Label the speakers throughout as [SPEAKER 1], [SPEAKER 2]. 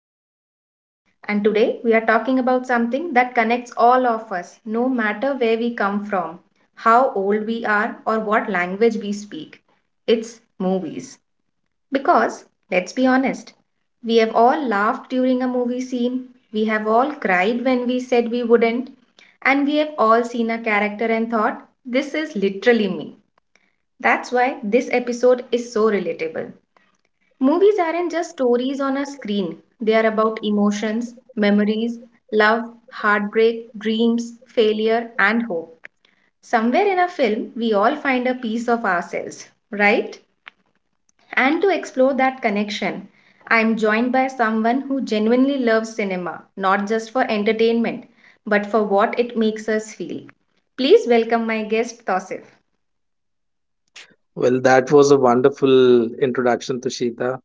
[SPEAKER 1] host Tushita, and today we are talking about something that connects all of us, no matter where we come from, how old we are, or what language we speak. It's movies. Because, let's be honest, we have all laughed during a movie scene, we have all cried when we said we wouldn't, and we have all seen a character and thought, this is literally me. That's why this episode is so relatable. Movies aren't just stories on a screen, they are about emotions, memories, love, heartbreak, dreams, failure, and hope. Somewhere in a film, we all find a piece of ourselves, right? And to explore that connection, I am joined by someone who genuinely loves cinema, not just for entertainment, but for what it makes us feel. Please welcome my guest, Tosif.
[SPEAKER 2] Well, that was a wonderful introduction, Tushita.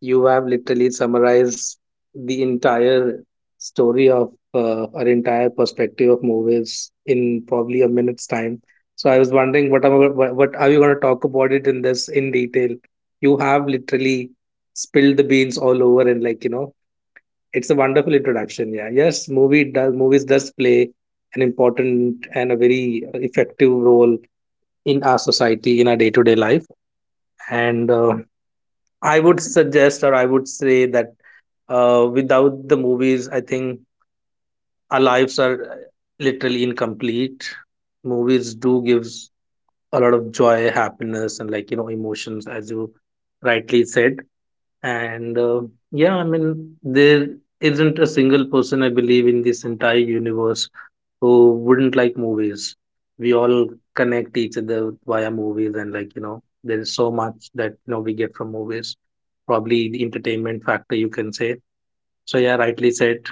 [SPEAKER 2] You have literally summarized the entire story of our entire perspective of movies in probably a minute's time. So I was wondering what am I, what are you going to talk about it in detail? You have literally spilled the beans all over and like it's a wonderful introduction. Yeah, yes, movies does play an important and a very effective role in our society, in our day to day life, and I would suggest, or I would say that, without the movies, I think our lives are, literally incomplete. Movies do gives a lot of joy, happiness, and like emotions, as you rightly said. And yeah, I mean there isn't a single person I believe in this entire universe who wouldn't like movies. We all connect each other via movies, and like, there is so much that we get from movies. Probably the entertainment factor, you can say. So yeah, rightly said.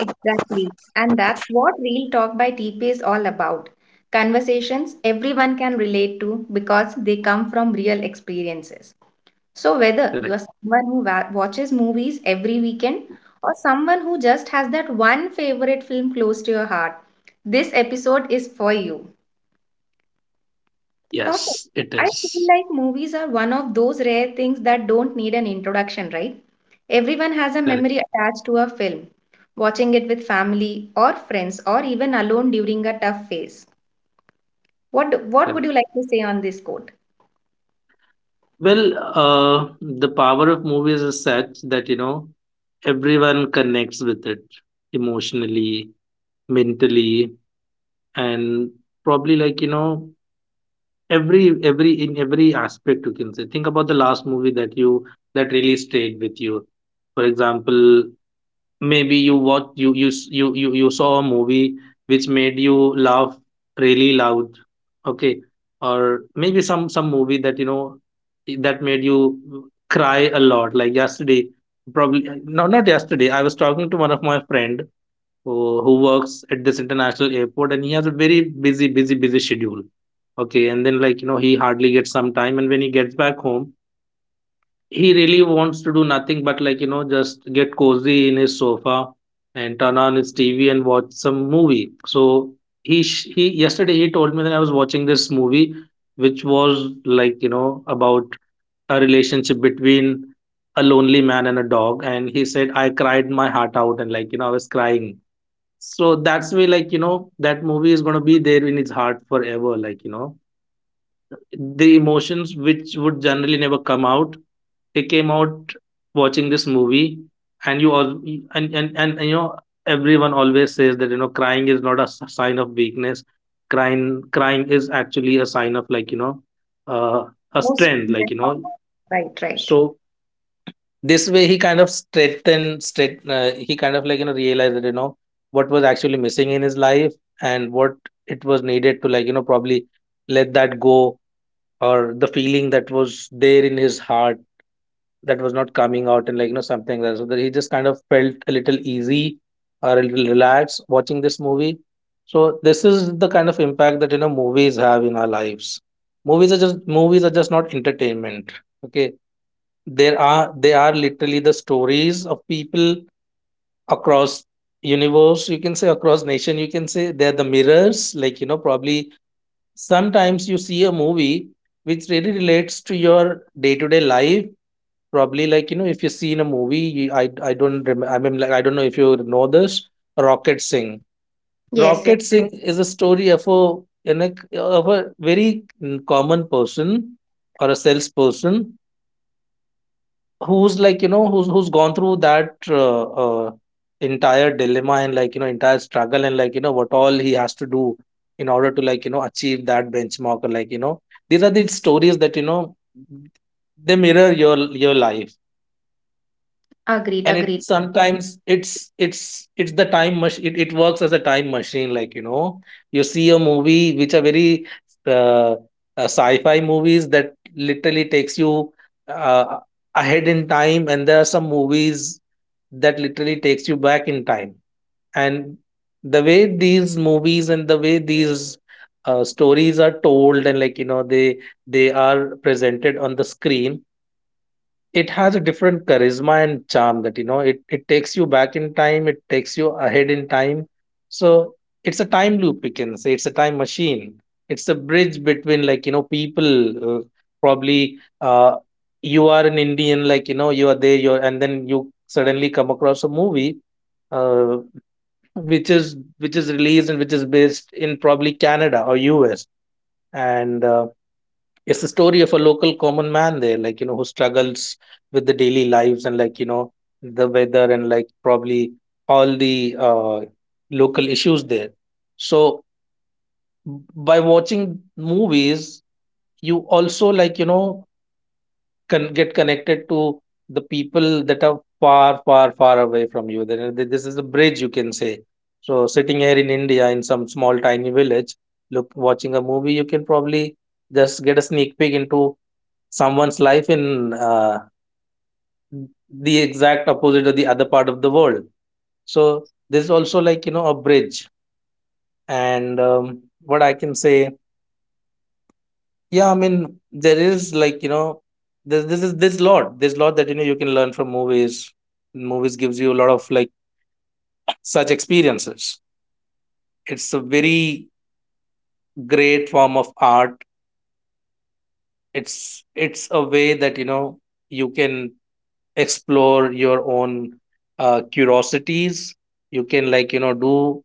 [SPEAKER 1] Exactly. And that's what Real Talk by TP is all about. Conversations everyone can relate to because they come from real experiences. So, whether you
[SPEAKER 2] Correct.
[SPEAKER 1] are someone who watches movies every weekend or someone who just has that one favorite film close to your heart, this episode is for you. Thus,
[SPEAKER 2] Yes, it
[SPEAKER 1] I
[SPEAKER 2] is.
[SPEAKER 1] feel like movies are one of those rare things that don't need an introduction, right? Everyone has a memory
[SPEAKER 2] Correct.
[SPEAKER 1] attached to a film, watching it with family or friends or even alone during a tough phase. What would
[SPEAKER 2] Correct.
[SPEAKER 1] you like to say on this quote?
[SPEAKER 2] Well, the power of movies is such that everyone connects with it emotionally, mentally, and probably like every aspect, you can say. Think about the last movie that you that really stayed with you. For example, maybe you what you s- you saw a movie which made you laugh really loud. Okay. Or maybe some movie that that made you cry a lot. Like yesterday. Probably, no, not yesterday. I was talking to one of my friend who works at this international airport, and he has a very busy busy busy schedule. Okay. And then, like he hardly gets some time, and when he gets back home, he really wants to do nothing but, like just get cozy in his sofa, and turn on his TV and watch some movie. So he yesterday he told me that I was watching this movie, which was, like about a relationship between a lonely man and a dog, and he said, I cried my heart out, and like I was crying. So that's why, like, that movie is gonna be there in his heart forever. Like, the emotions which would generally never come out, they came out watching this movie, and you all and, you know, everyone always says that, crying is not a sign of weakness. Crying, crying is actually a sign of, like, uh, a
[SPEAKER 1] Most
[SPEAKER 2] strength. Like,
[SPEAKER 1] Right, right.
[SPEAKER 2] so this way he kind of strengthened straight he kind of like realized that what was actually missing in his life, and what it was needed to, like probably let that go, or the feeling that was there in his heart, that was not coming out, and like something like that, so that he just kind of felt a little easy, or a little relaxed watching this movie. So this is the kind of impact that movies have in our lives. Movies are just not entertainment. Okay. There are they are literally the stories of people across universe, you can say, across nation, you can say. They're the mirrors, like probably sometimes you see a movie which really relates to your day-to-day life. Probably, like if you see in a movie, you, I don't rem- I mean, like, I don't know if you know this. Rocket Singh.
[SPEAKER 1] Yes, yes.
[SPEAKER 2] Rocket Singh is a story of in a, a very, common person, or a salesperson. Who's like, you know, who's who's gone through that uh, entire dilemma, and like, entire struggle, and like, what all he has to do in order to, like, achieve that benchmark, or like, these are the stories that, they mirror your life.
[SPEAKER 1] Agreed,
[SPEAKER 2] And it
[SPEAKER 1] agreed.
[SPEAKER 2] sometimes it's the time machine. It works as a time machine, like you see a movie which are very uh, uh, sci-fi movies that literally takes you uh, ahead in time, and there are some movies that literally takes you back in time. And the way these movies, and the way these, stories are told, and like they are presented on the screen, it has a different charisma and charm that, it takes you back in time, it takes you ahead in time. So it's a time loop, you can say. It's a time machine. It's a bridge between, like, people. Uh, probably, you are an Indian, like, you are there, and then you suddenly come across a movie, uh, which is released, and which is based in probably Canada or US, and it's the story of a local common man there, like, who struggles with the daily lives, and, like, the weather, and, like, probably all the local issues there. So, by watching movies, you also, like, can get connected to the people that are far, far, far away from you. Then this is a bridge, you can say. So, sitting here in India, in some small, tiny village, look, watching a movie, you can probably just get a sneak peek into someone's life in, the exact opposite of the other part of the world. So there's also like a bridge. And, what I can say, yeah, I mean there is, like this this is this lot there's lot that you can learn from movies. Movies gives you a lot of, like, such experiences. It's a very great form of art. It's a way that you can explore your own curiosities. You can, like do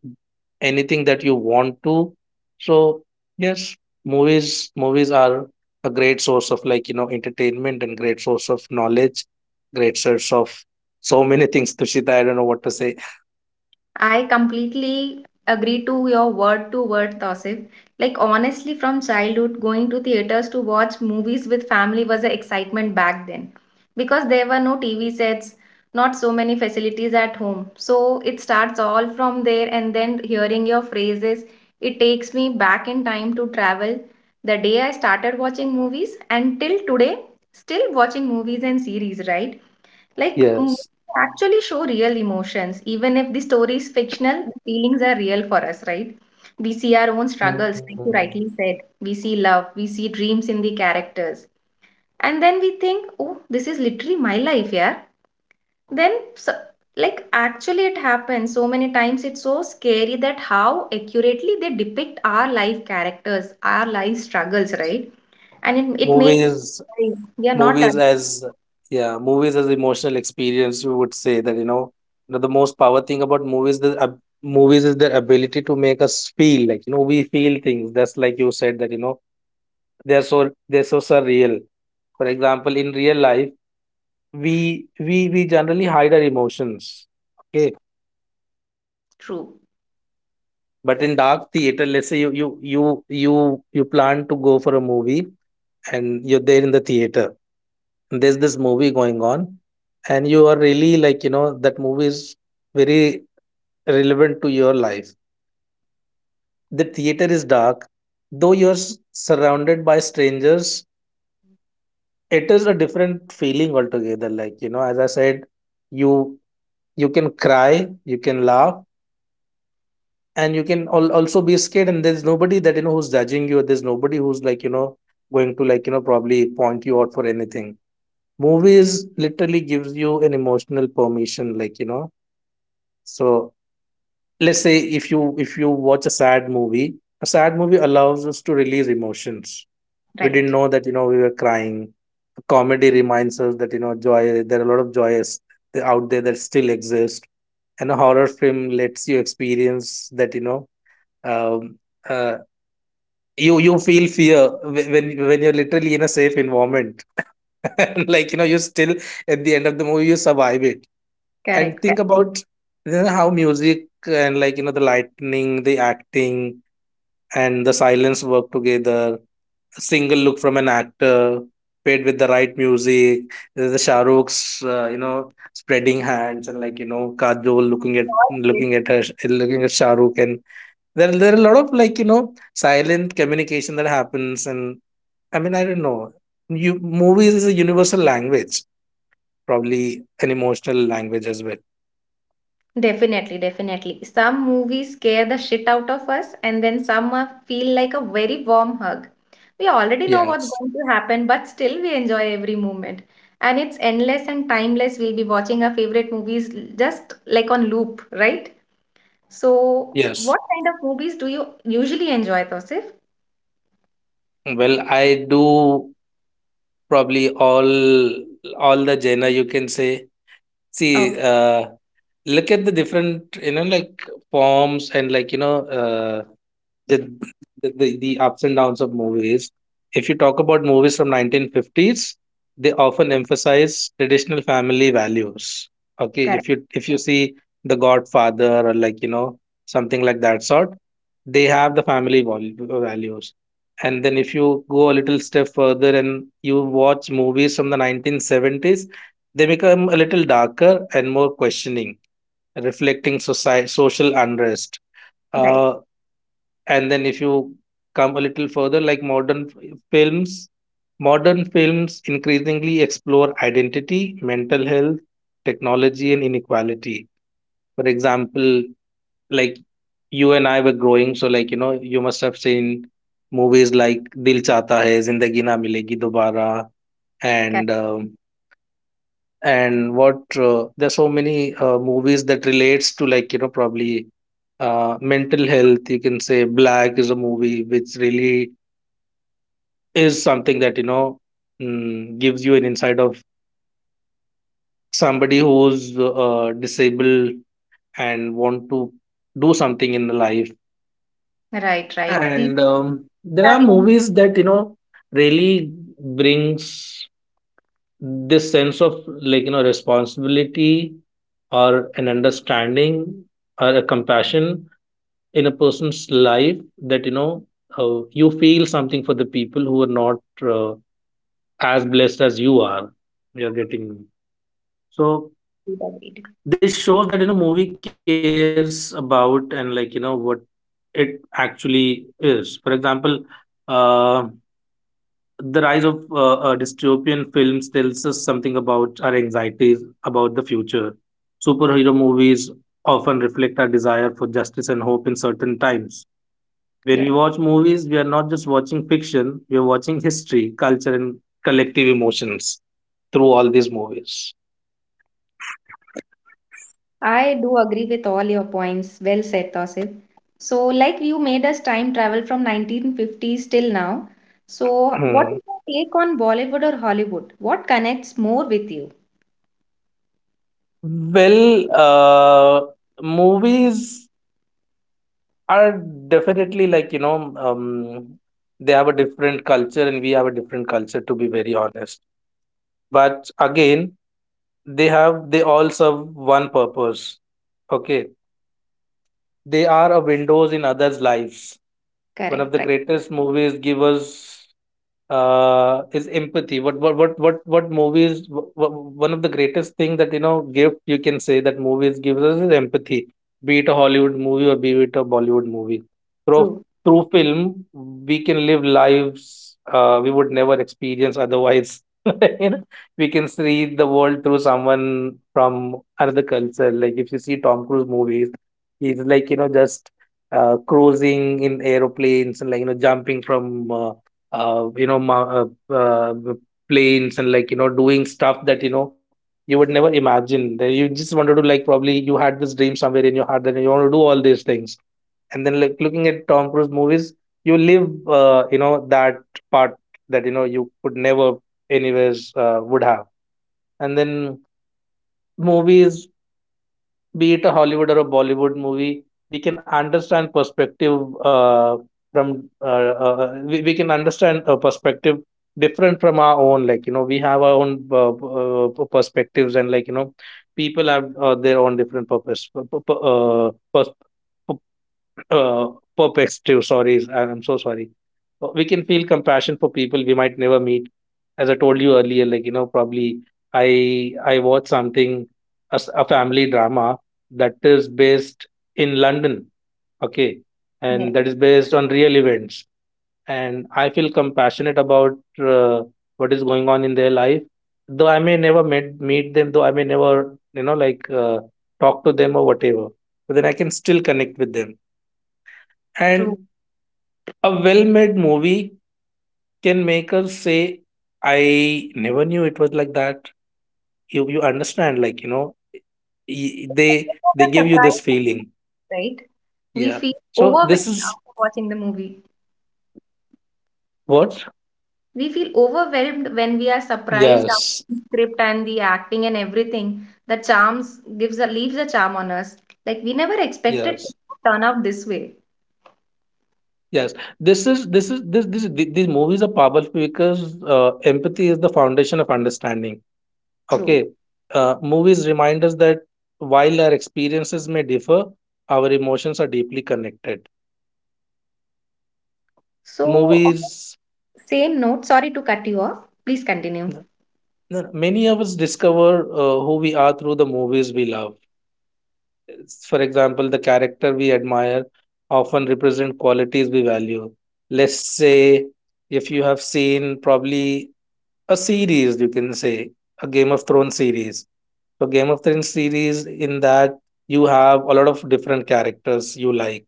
[SPEAKER 2] anything that you want to. So yes, movies are a great source of, like, entertainment, and great source of knowledge, great source of so many things, Tushita. I don't know what to say.
[SPEAKER 1] I completely agree to your word to word, Tosif. Like, honestly, from childhood, going to theaters to watch movies with family was an excitement back then because there were no TV sets, not so many facilities at home. So, it starts all from there, and then hearing your phrases, it takes me back in time to travel the day I started watching movies until today, still watching movies and series, right? Like, movies
[SPEAKER 2] Yes.
[SPEAKER 1] actually show real emotions. Even if the story is fictional, the feelings are real for us, right? We see our own
[SPEAKER 2] Mm.
[SPEAKER 1] struggles, like you rightly said. We see love, we see dreams in the characters. And then we think, oh, this is literally my life, yeah. Then, so, like, actually, it happens so many times. It's so scary that how accurately they depict our life characters, our life struggles, right? And it makes
[SPEAKER 2] movies
[SPEAKER 1] us realize they are not
[SPEAKER 2] movies
[SPEAKER 1] always
[SPEAKER 2] as yeah movies as emotional experience, you would say that, the most power thing about movies is their ability to make us feel, like we feel things. That's like you said, that, they're so they're so surreal. For example, in real life, we generally hide our emotions. Okay.
[SPEAKER 1] true,
[SPEAKER 2] But in dark theater, let's say you you you plan to go for a movie, and you're there in the theater, there's this movie going on, and you are really, like that movie is very relevant to your life. The theater is dark, though you're surrounded by strangers. It is a different feeling altogether, like as I said, you you can cry, you can laugh, and you can also be scared, and there's nobody that who's judging you, there's nobody who's, like going to, like probably point you out for anything. Movies literally gives you an emotional permission, like. So let's say, if you watch a sad movie allows us to release emotions. We didn't
[SPEAKER 1] right?
[SPEAKER 2] know that, we were crying. Comedy reminds us that, joy. There are a lot of joys out there that still exist. And a horror film lets you experience that, um, uh, you feel fear when you're literally in a safe environment like you still, at the end of the movie, you survive it. And
[SPEAKER 1] Correct,
[SPEAKER 2] think about, how music and, like the lightning, the acting, and the silence work together. A single look from an actor paired with the right music. There's the Shahrukh's, spreading hands, and like Kajol looking at
[SPEAKER 1] correct.
[SPEAKER 2] looking at her looking at Shahrukh, and there are a lot of, like silent communication that happens. And I mean, I don't know, you movies is a universal language, probably an emotional language as well.
[SPEAKER 1] Definitely, definitely. Some movies scare the shit out of us, and then some feel like a very warm hug. We already know what's
[SPEAKER 2] Yes.
[SPEAKER 1] going to happen, but still we enjoy every moment. And it's endless and timeless. We'll be watching our favorite movies just like on loop, right? So,
[SPEAKER 2] Yes.
[SPEAKER 1] what kind of movies do you usually enjoy, Tosif?
[SPEAKER 2] Well, I do probably all the genre, you can say. See,
[SPEAKER 1] Okay,
[SPEAKER 2] look at the different, like forms, and like, the, the ups and downs of movies. If you talk about movies from 1950s, they often emphasize traditional family values. Okay,
[SPEAKER 1] correct,
[SPEAKER 2] if you see The Godfather or, like something like that sort, they have the family values. And then if you go a little step further and you watch movies from the 1970s, they become a little darker and more questioning, reflecting society social unrest.
[SPEAKER 1] right,
[SPEAKER 2] uh, and then if you come a little further, like modern films, modern films increasingly explore identity, mental health, technology, and inequality. For example, like, you and I were growing, so like, you know, you must have seen movies like Dil Chahta Hai, Zindagi Na Milegi Dobara,
[SPEAKER 1] correct,
[SPEAKER 2] and um and what, there's so many movies that relates to, like, you know, probably mental health. You can say Black is a movie which really is something that, you know, gives you an insight of somebody who's disabled and want to do something in the life.
[SPEAKER 1] right, right. These
[SPEAKER 2] And there
[SPEAKER 1] are
[SPEAKER 2] are
[SPEAKER 1] the only
[SPEAKER 2] movies that, you know, really brings this sense of, like, you know, responsibility or an understanding or a compassion in a person's life, that, you know, you feel something for the people who are not uh, as blessed as you are. You're getting me? So
[SPEAKER 1] two that we do.
[SPEAKER 2] this shows that, you know, movie cares about and, like, you know, what it actually is. For example, uh, the rise of dystopian films tells us something about our anxieties about the future. Superhero movies often reflect our desire for justice and hope in certain times. When
[SPEAKER 1] Yeah.
[SPEAKER 2] we watch movies, we are not just watching fiction, we are watching history, culture, and collective emotions through all these movies.
[SPEAKER 1] I do agree with all your points. Well said, Tausif. So, like you made us time travel from 1950s till now. So, what is your take on Bollywood or Hollywood? What connects more with you?
[SPEAKER 2] Hmm. Well, movies are definitely, like, you know, they have a different culture and we have a different culture, to be very honest. But again, they all serve one purpose. Okay, they are a windows in others' lives. One of
[SPEAKER 1] Correct,
[SPEAKER 2] the
[SPEAKER 1] right?
[SPEAKER 2] greatest movies give us is empathy. What movies? Wh- wh- One of the greatest thing that, you know, gift, you can say, that movies gives us is empathy. Be it a Hollywood movie or be it a Bollywood movie. Through
[SPEAKER 1] True.
[SPEAKER 2] Through film, we can live lives we would never experience otherwise. You know, we can see the world through someone from another culture. Like, if you see Tom Cruise movies, he's like, you know, just cruising in aeroplanes and, like, you know, jumping from, you know, planes, and, like, you know, doing stuff that, you know, you would never imagine. That you just wanted to, like, probably you had this dream somewhere in your heart that you want to do all these things. And then, like, looking at Tom Cruise movies, you live, you know, that part that, you know, you could never anyways would have. And then movies, be it a Hollywood or a Bollywood movie, we can understand perspective from uh, we can understand a perspective different from our own. Like, you know, we have our own perspectives, and, like, you know, people have their own different purpose uh, perspective. Sorry, I'm so sorry. We can feel compassion for people we might never meet. As I told you earlier, like, you know, probably I watched something, a family drama that is based in London, okay,
[SPEAKER 1] Yeah,
[SPEAKER 2] and that is based on real events, and I feel compassionate about what is going on in their life. Though I may never met, meet them, though I may never, you know, like, talk to them or whatever, but then I can still connect with them.
[SPEAKER 1] true.
[SPEAKER 2] And a well made movie can make us say, I never knew it was like that. You understand, like, you know,
[SPEAKER 1] It was
[SPEAKER 2] they
[SPEAKER 1] a
[SPEAKER 2] give you this
[SPEAKER 1] surprise,
[SPEAKER 2] feeling.
[SPEAKER 1] right? We
[SPEAKER 2] Yeah,
[SPEAKER 1] feel
[SPEAKER 2] so
[SPEAKER 1] overwhelmed
[SPEAKER 2] this is
[SPEAKER 1] after watching the movie.
[SPEAKER 2] what.
[SPEAKER 1] We feel overwhelmed when we are surprised after
[SPEAKER 2] Yes.
[SPEAKER 1] the script and the acting and everything. The charms gives a leaves a charm on us. Like we never expected it
[SPEAKER 2] Yes.
[SPEAKER 1] to turn out this way.
[SPEAKER 2] yes this is this is this, this th- These movies are powerful because empathy is the foundation of understanding. Okay.
[SPEAKER 1] True.
[SPEAKER 2] Movies remind us that while our experiences may differ, our emotions are deeply connected.
[SPEAKER 1] So, on
[SPEAKER 2] Movies.
[SPEAKER 1] the same note, sorry to cut you off. Please continue.
[SPEAKER 2] No, no, no. Many of us discover who we are through the movies we love. For example, the character we admire often represent qualities we value. Let's say if you have seen probably a series, you can say, a Game of Thrones series. So Game of Thrones series, in that you have a lot of different characters you like.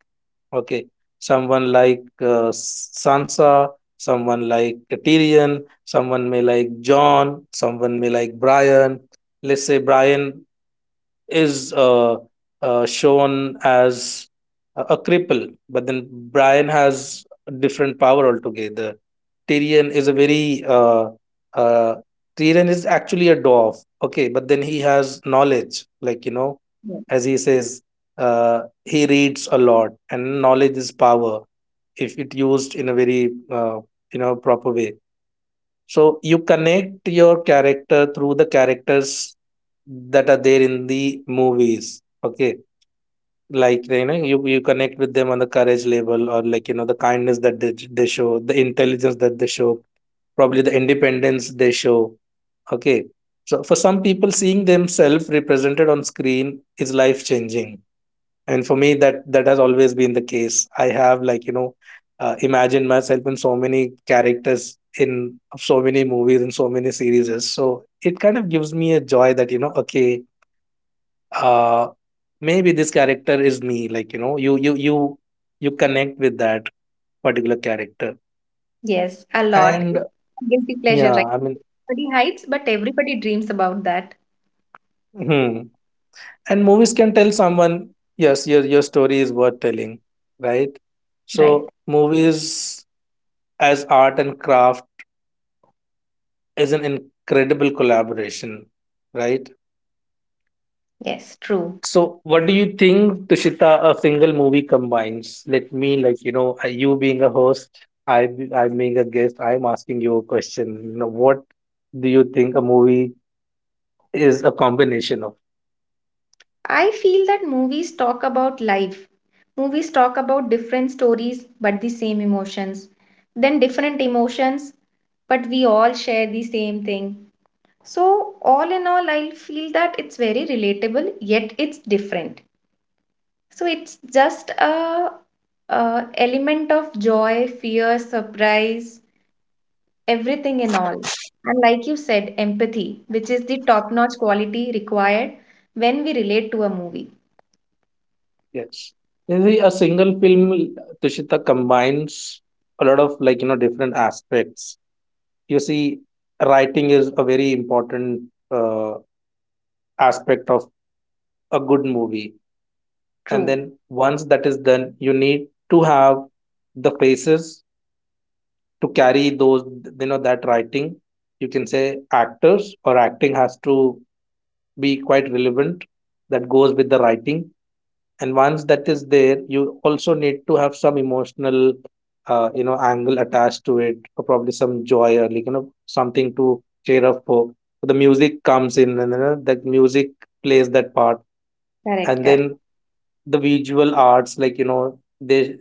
[SPEAKER 2] Okay, someone like, Sansa, someone like Tyrion, someone may like John, someone may like Brian. Let's say Brian is shown as a cripple, but then Brian has a different power altogether. Tyrion is a very uh, Tyrion is actually a dwarf, okay, but then he has knowledge, like, you know, as he says, he reads a lot, and knowledge is power if it used in a very, you know, proper way. So you connect your character through the characters that are there in the movies. Okay. Like, you know, you connect with them on the courage level, or, like, you know, the kindness that they show, the intelligence that they show, probably the independence they show. Okay. So for some people, seeing themselves represented on screen is life changing, and for me, that has always been the case. I have, like, you know, imagined myself in so many characters, in so many movies, and so many series. So it kind of gives me a joy that, you know, okay, uh, maybe this character is me. Like, you know, you you connect with that particular character.
[SPEAKER 1] Yes, a lot. It's
[SPEAKER 2] And
[SPEAKER 1] a guilty pleasure,
[SPEAKER 2] yeah,
[SPEAKER 1] right?
[SPEAKER 2] I mean,
[SPEAKER 1] Everybody hides, but everybody dreams about that,
[SPEAKER 2] hmm. And movies can tell someone, yes, your story is worth telling, right?
[SPEAKER 1] right?
[SPEAKER 2] So movies as art and craft is an incredible collaboration, right?
[SPEAKER 1] Yes, true.
[SPEAKER 2] So, what do you think, Tushita, a single movie combines? Let me, like, you know, you being a host, I, I'm being a guest, I'm asking you a question. You know, what do you think a movie is a combination of?
[SPEAKER 1] I feel that movies talk about life. Movies talk about different stories, but the same emotions. Then different emotions, but we all share the same thing. So, all in all, I feel that it's very relatable, yet it's different. So it's just a, element of joy, fear, surprise, everything in all. And like you said, empathy, which is the top-notch quality required when we relate to a movie.
[SPEAKER 2] Yes. You see, a single film, Tushita, combines a lot of, like, you know, different aspects. You see, writing is a very important uh, aspect of a good movie, and
[SPEAKER 1] True.
[SPEAKER 2] then once that is done, you need to have the faces to carry those, you know, that writing. You can say actors or acting has to be quite relevant, that goes with the writing. And once that is there, you also need to have some emotional, you know, angle attached to it, or probably some joy, or, like, you know, something to cheer up for. So the music comes in, and, you know, that music plays that part.
[SPEAKER 1] Correct,
[SPEAKER 2] And
[SPEAKER 1] correct.
[SPEAKER 2] then the visual arts, like, you know,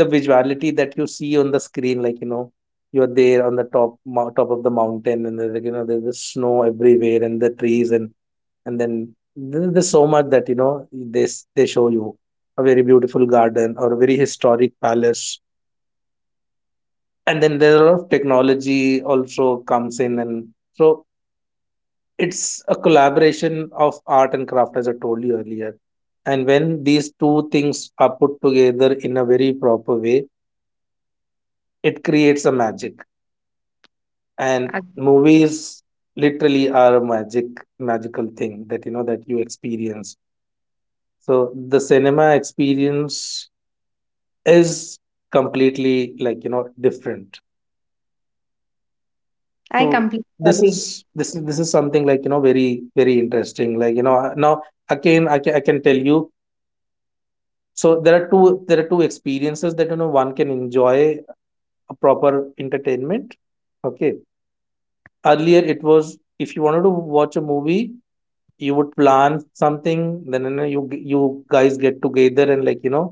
[SPEAKER 2] the visuality that you see on the screen, like, you know, you're there on the top top of the mountain, and there's, like, you know, there's the snow everywhere and the trees, and then there's so much that, you know, they show you a very beautiful garden or a very historic palace. And then there are a lot of technology also comes in, and so it's a collaboration of art and craft, as I told you earlier. And when these two things are put together in a very proper way, it creates a magic. And
[SPEAKER 1] Ag-
[SPEAKER 2] movies literally are a magic, magical thing that, you know, that you experience. So the cinema experience is completely, like, you know, different.
[SPEAKER 1] I
[SPEAKER 2] So
[SPEAKER 1] completely agree.
[SPEAKER 2] this is something, like, you know, very very interesting, like, you know, now again, I can tell you, so there are two experiences that, you know, one can enjoy, a proper entertainment. Okay, earlier it was, if you wanted to watch a movie, you would plan something, then, you know, you guys get together, and, like, you know,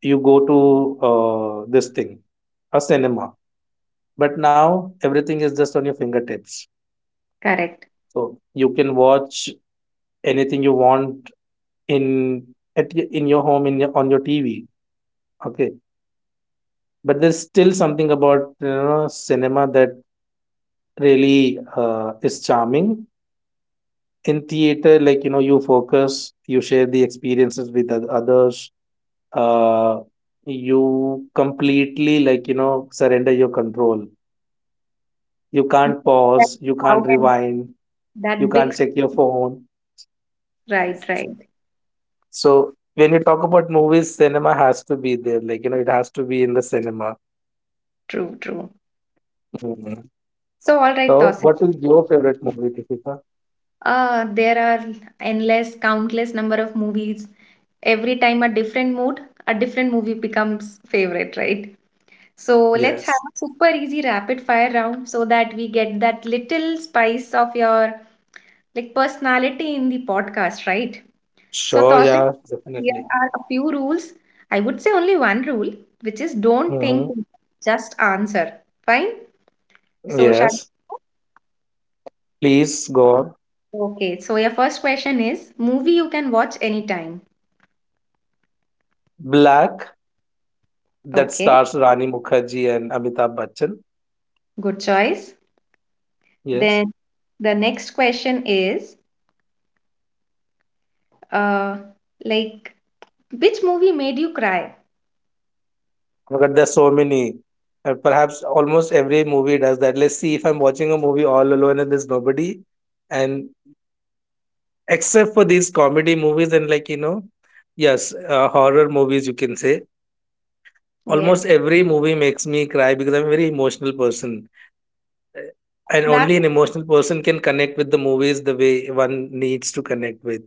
[SPEAKER 2] you go to, this thing, a cinema. But now everything is just on your fingertips.
[SPEAKER 1] Correct.
[SPEAKER 2] So you can watch anything you want in, in your home, in your, on your TV. Okay, but there's still something about, you know, cinema that really is charming. In theater, like, you know, you focus, you share the experiences with others. Uh, you completely, like, you know, surrender your control. You can't
[SPEAKER 1] That's
[SPEAKER 2] pause. You can't
[SPEAKER 1] how can
[SPEAKER 2] rewind. You
[SPEAKER 1] that big
[SPEAKER 2] can't
[SPEAKER 1] s-
[SPEAKER 2] check your phone.
[SPEAKER 1] Right, right.
[SPEAKER 2] So when you talk about movies, cinema has to be there. Like, you know, it has to be in the cinema.
[SPEAKER 1] True, true.
[SPEAKER 2] Mhm.
[SPEAKER 1] So all right,
[SPEAKER 2] So
[SPEAKER 1] Tosin.
[SPEAKER 2] what is your favorite movie, Deepika?
[SPEAKER 1] There are endless, countless number of movies every time a different mood, a different movie becomes favorite, right? So let's have
[SPEAKER 2] Yes.
[SPEAKER 1] a super easy rapid fire round so that we get that little spice of your like personality in the podcast, right? So
[SPEAKER 2] Sure,
[SPEAKER 1] Tawfiq,
[SPEAKER 2] yeah,
[SPEAKER 1] here
[SPEAKER 2] definitely.
[SPEAKER 1] are a few rules. I would say only one rule, which is don't think,
[SPEAKER 2] Hmm.
[SPEAKER 1] just answer. Fine? So shall
[SPEAKER 2] Yes. Please go on.
[SPEAKER 1] Okay, so your first question is movie you can watch anytime.
[SPEAKER 2] Black, that
[SPEAKER 1] Okay,
[SPEAKER 2] stars Rani Mukherjee and Amitabh Bachchan.
[SPEAKER 1] good choice.
[SPEAKER 2] Yes.
[SPEAKER 1] Then the next question is Uh, like which movie made you cry?
[SPEAKER 2] But there's so many. And perhaps almost every movie does that. Let's see, if I'm watching a movie all alone and there's nobody. And except for these comedy movies and, like, you know, yes, horror movies, you can say. Almost
[SPEAKER 1] Yes,
[SPEAKER 2] every movie makes me cry because I'm a very emotional person. Uh, And
[SPEAKER 1] that
[SPEAKER 2] only an emotional person can connect with the movies the way one needs to connect with.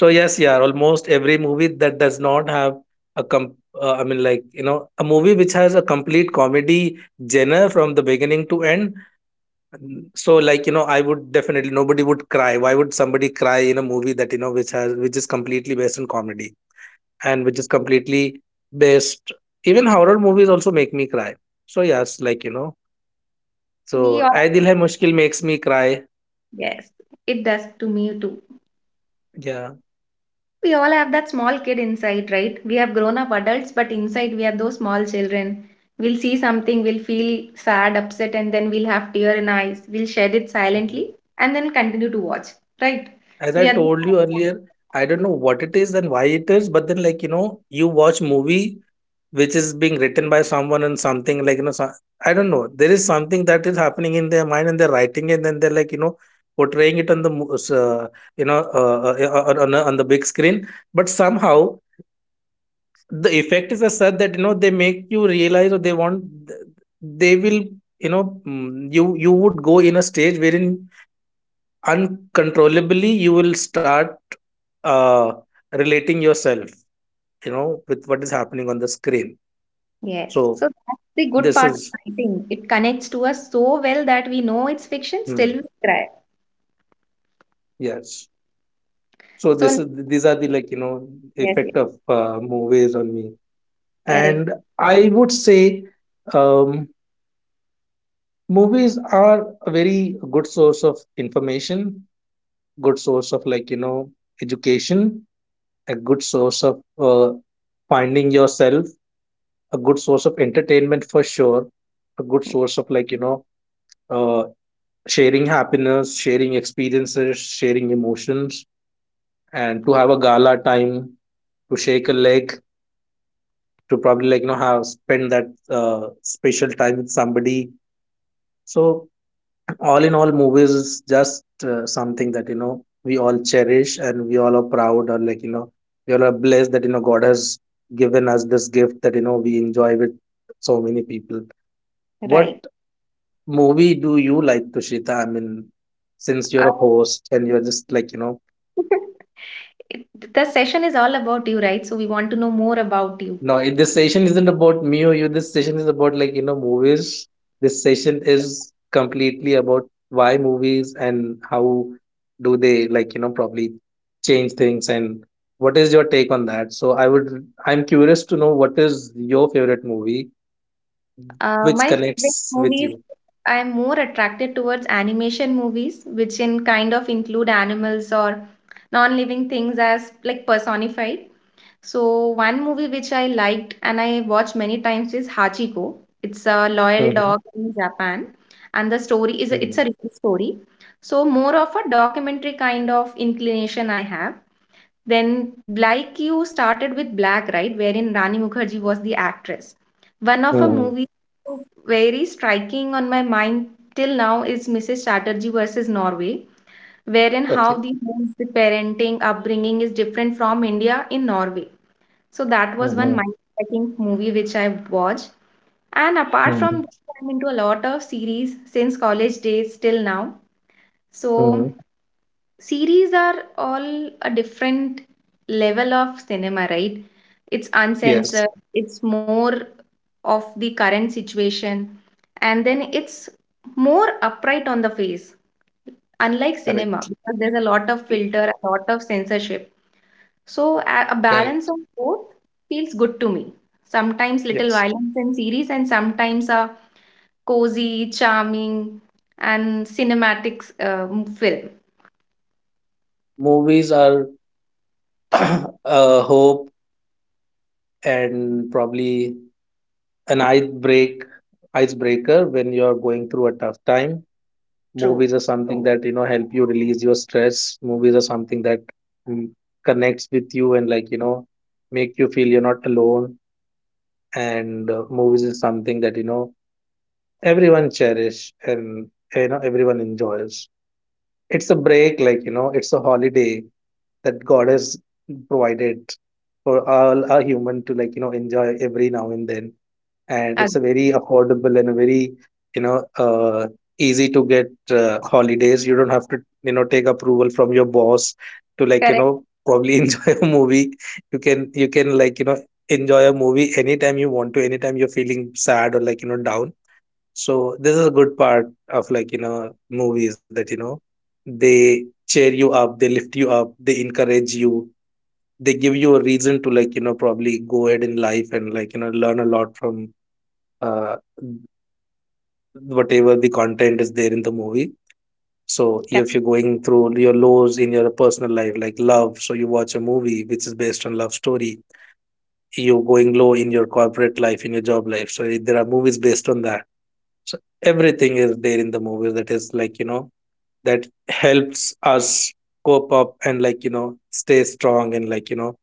[SPEAKER 2] So, yes, yeah, almost every movie that does not have a com- I mean, like, a movie which has a complete comedy genre from the beginning to end. So, like, I would definitely, nobody would cry. Why would somebody cry in a movie that which is completely based on comedy and which is completely based? Even horror movies also make me cry. So, yes, like, so
[SPEAKER 1] we all
[SPEAKER 2] Aay Dil Hai Mushkil makes me cry.
[SPEAKER 1] yes, it does to me too.
[SPEAKER 2] Yeah.
[SPEAKER 1] We all have that small kid inside, right? We have grown up adults, but inside we are those small children. We'll see something, we'll feel sad, upset, and then we'll have tear in eyes. We'll shed it silently and then continue to watch, right?
[SPEAKER 2] As I
[SPEAKER 1] We are those
[SPEAKER 2] told you earlier, I don't
[SPEAKER 1] Yes,
[SPEAKER 2] know what it is and why it is, but then, like, you watch movie which is being written by someone and something, like, so, I don't know. There is something that is happening in their mind and they're writing it, and then they're, like, portraying it on yeah, on the big screen. But somehow the effect is as such that they make you realize, or they want, they will, you would go in a stage wherein uncontrollably you will start uh, relating yourself with what is happening on the screen.
[SPEAKER 1] yes.
[SPEAKER 2] So
[SPEAKER 1] So that's the good
[SPEAKER 2] this
[SPEAKER 1] part of
[SPEAKER 2] is,
[SPEAKER 1] writing. It connects to us so well that we know it's fiction, still we
[SPEAKER 2] hmm,
[SPEAKER 1] cry.
[SPEAKER 2] yes, so this
[SPEAKER 1] So,
[SPEAKER 2] is, these are the, like,
[SPEAKER 1] yes, yes,
[SPEAKER 2] effect of movies on me.
[SPEAKER 1] correct.
[SPEAKER 2] And I would say, um, movies are a very good source of information, good source of, like, education, a good source of uh, finding yourself, a good source of entertainment for sure, a good source of, like, uh, sharing happiness, sharing experiences, sharing emotions, and to have a gala time, to shake a leg, to probably, like, have spend that special time with somebody. So, all in all, movies is just something that we all cherish, and we all are proud, or, like, we all are blessed that God has given us this gift that we enjoy with so many people. What
[SPEAKER 1] Right.
[SPEAKER 2] movie do you like, Tushita? I mean, since you're a
[SPEAKER 1] Uh,
[SPEAKER 2] host and you're just like.
[SPEAKER 1] it- the session is all about you, right? So we want to know more about you.
[SPEAKER 2] No, this session isn't about me or you. This session is about, like, movies. This session is completely about why movies and how do they, like, probably change things, and what is your take on that? So, I'm curious to know what is your favorite movie which
[SPEAKER 1] My favorite
[SPEAKER 2] connects with
[SPEAKER 1] movies,
[SPEAKER 2] you.
[SPEAKER 1] I am more attracted towards animation movies, which in kind of include animals or non-living things as like personified. So one movie which I liked and I watched many times is Hachiko. It's a loyal
[SPEAKER 2] Mhm,
[SPEAKER 1] dog in Japan, and the story is it's
[SPEAKER 2] mhm,
[SPEAKER 1] a real story. So more of a documentary kind of inclination I have. Then, like you started with Black, right, wherein Rani Mukherjee was the actress. One of her
[SPEAKER 2] mhm.
[SPEAKER 1] movies very striking on my mind till now is Mrs. Chatterjee versus Norway, wherein how
[SPEAKER 2] Okay.
[SPEAKER 1] the homes, the parenting, upbringing is different from India in Norway. So that was one
[SPEAKER 2] Mhm,
[SPEAKER 1] mind-striking movie which I watched. And apart from
[SPEAKER 2] mhm,
[SPEAKER 1] that, I'm into a lot of series since college days till now. So
[SPEAKER 2] mhm.
[SPEAKER 1] series are all a different level of cinema, right? It's
[SPEAKER 2] Yes,
[SPEAKER 1] uncensored, it's more of the current situation, and then it's more upright on the face, unlike cinema
[SPEAKER 2] correct.
[SPEAKER 1] because there's a lot of filter, a lot of censorship. So a, balance
[SPEAKER 2] Correct.
[SPEAKER 1] of both feels good to me. Sometimes little
[SPEAKER 2] Yes.
[SPEAKER 1] violence in series and sometimes a cozy, charming and cinematic film.
[SPEAKER 2] Movies are a hope, and probably an icebreaker when you're going through a tough time. Movies
[SPEAKER 1] True.
[SPEAKER 2] are something, oh, that help you release your stress. Movies are something that mm, connects with you and, like, make you feel you're not alone. And movies is something that everyone cherish, and everyone enjoys. It's a break, like, it's a holiday that God has provided for all a human to, like, enjoy every now and then. And it's
[SPEAKER 1] Ag-
[SPEAKER 2] a very affordable and a very, you know, uh, easy to get holidays. You don't have to, take approval from your boss to, like,
[SPEAKER 1] Correct,
[SPEAKER 2] probably enjoy a movie. You can, like, enjoy a movie anytime you want to, anytime you're feeling sad or, like, down. So this is a good part of, like, movies that, they cheer you up, they lift you up, they encourage you, they give you a reason to, like, probably go ahead in life and, like, learn a lot from uh, whatever the content is there in the movie. So
[SPEAKER 1] correct,
[SPEAKER 2] if you're going through your lows in your personal life, like love, so you watch a movie which is based on love story. You're going low in your corporate life, in your job life. So there are movies based on that. So everything is there in the movies that is, like, that helps us cope up and, like, stay strong and, like,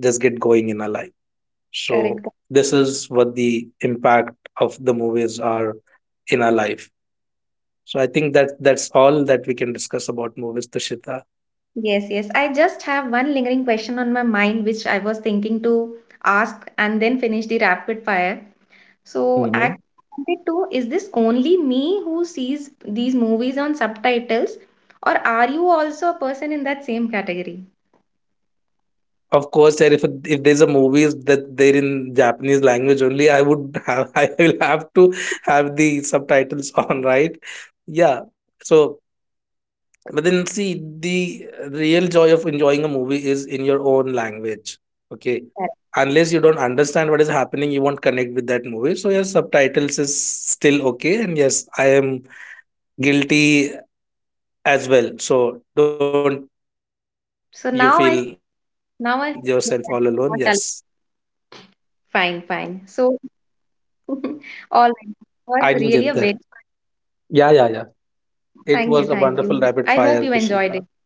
[SPEAKER 2] just get going in our life. So
[SPEAKER 1] correct.
[SPEAKER 2] this is what the impact of the movies are in our life. So I think that that's all that we can discuss about movies, Tushita.
[SPEAKER 1] Yes, yes. I just have one lingering question on my mind, which I was thinking to ask and then finish the rapid fire. So,
[SPEAKER 2] hmm
[SPEAKER 1] I wanted to, is this only me who sees these movies on subtitles, or are you also a person in that same category?
[SPEAKER 2] of course, there, if, there's a movies that they're in Japanese language only, I would have I will have to have the subtitles on, right? Yeah. So, but then see, the real joy of enjoying a movie is in your own language. Okay.
[SPEAKER 1] Correct.
[SPEAKER 2] Unless you don't understand what is happening, you won't connect with that movie. So yes, subtitles is still okay. And yes, I am guilty as well. So don't you feel yourself
[SPEAKER 1] So
[SPEAKER 2] all
[SPEAKER 1] now
[SPEAKER 2] alone.
[SPEAKER 1] I,
[SPEAKER 2] Yes.
[SPEAKER 1] now I feel that I'm not alone. Fine, fine.
[SPEAKER 2] I didn't
[SPEAKER 1] So
[SPEAKER 2] get that. Yeah,
[SPEAKER 1] all
[SPEAKER 2] yeah,
[SPEAKER 1] right.
[SPEAKER 2] yeah.
[SPEAKER 1] It was really a
[SPEAKER 2] It
[SPEAKER 1] very
[SPEAKER 2] was a wonderful rapid fire, Prishita.
[SPEAKER 1] thank you, thank you. I hope you
[SPEAKER 2] Thank
[SPEAKER 1] enjoyed it. It
[SPEAKER 2] you.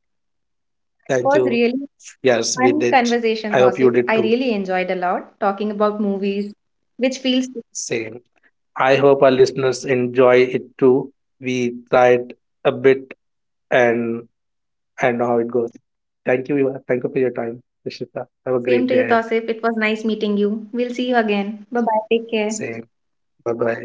[SPEAKER 2] Yes, we did.
[SPEAKER 1] was
[SPEAKER 2] I hope you
[SPEAKER 1] really
[SPEAKER 2] did too.
[SPEAKER 1] fun conversation, Tosif. I really enjoyed a lot talking about
[SPEAKER 2] Same.
[SPEAKER 1] movies, which
[SPEAKER 2] I
[SPEAKER 1] feels
[SPEAKER 2] hope our listeners enjoy it too. We tried a bit and I know how it goes. Thank you. Viva. Thank you for your time, Rishita. Have a great day ahead.
[SPEAKER 1] same to you, Tosif. It was nice meeting you. We'll see you again.
[SPEAKER 2] Same.
[SPEAKER 1] Bye bye. Take
[SPEAKER 2] Bye
[SPEAKER 1] care.
[SPEAKER 2] bye. Bye.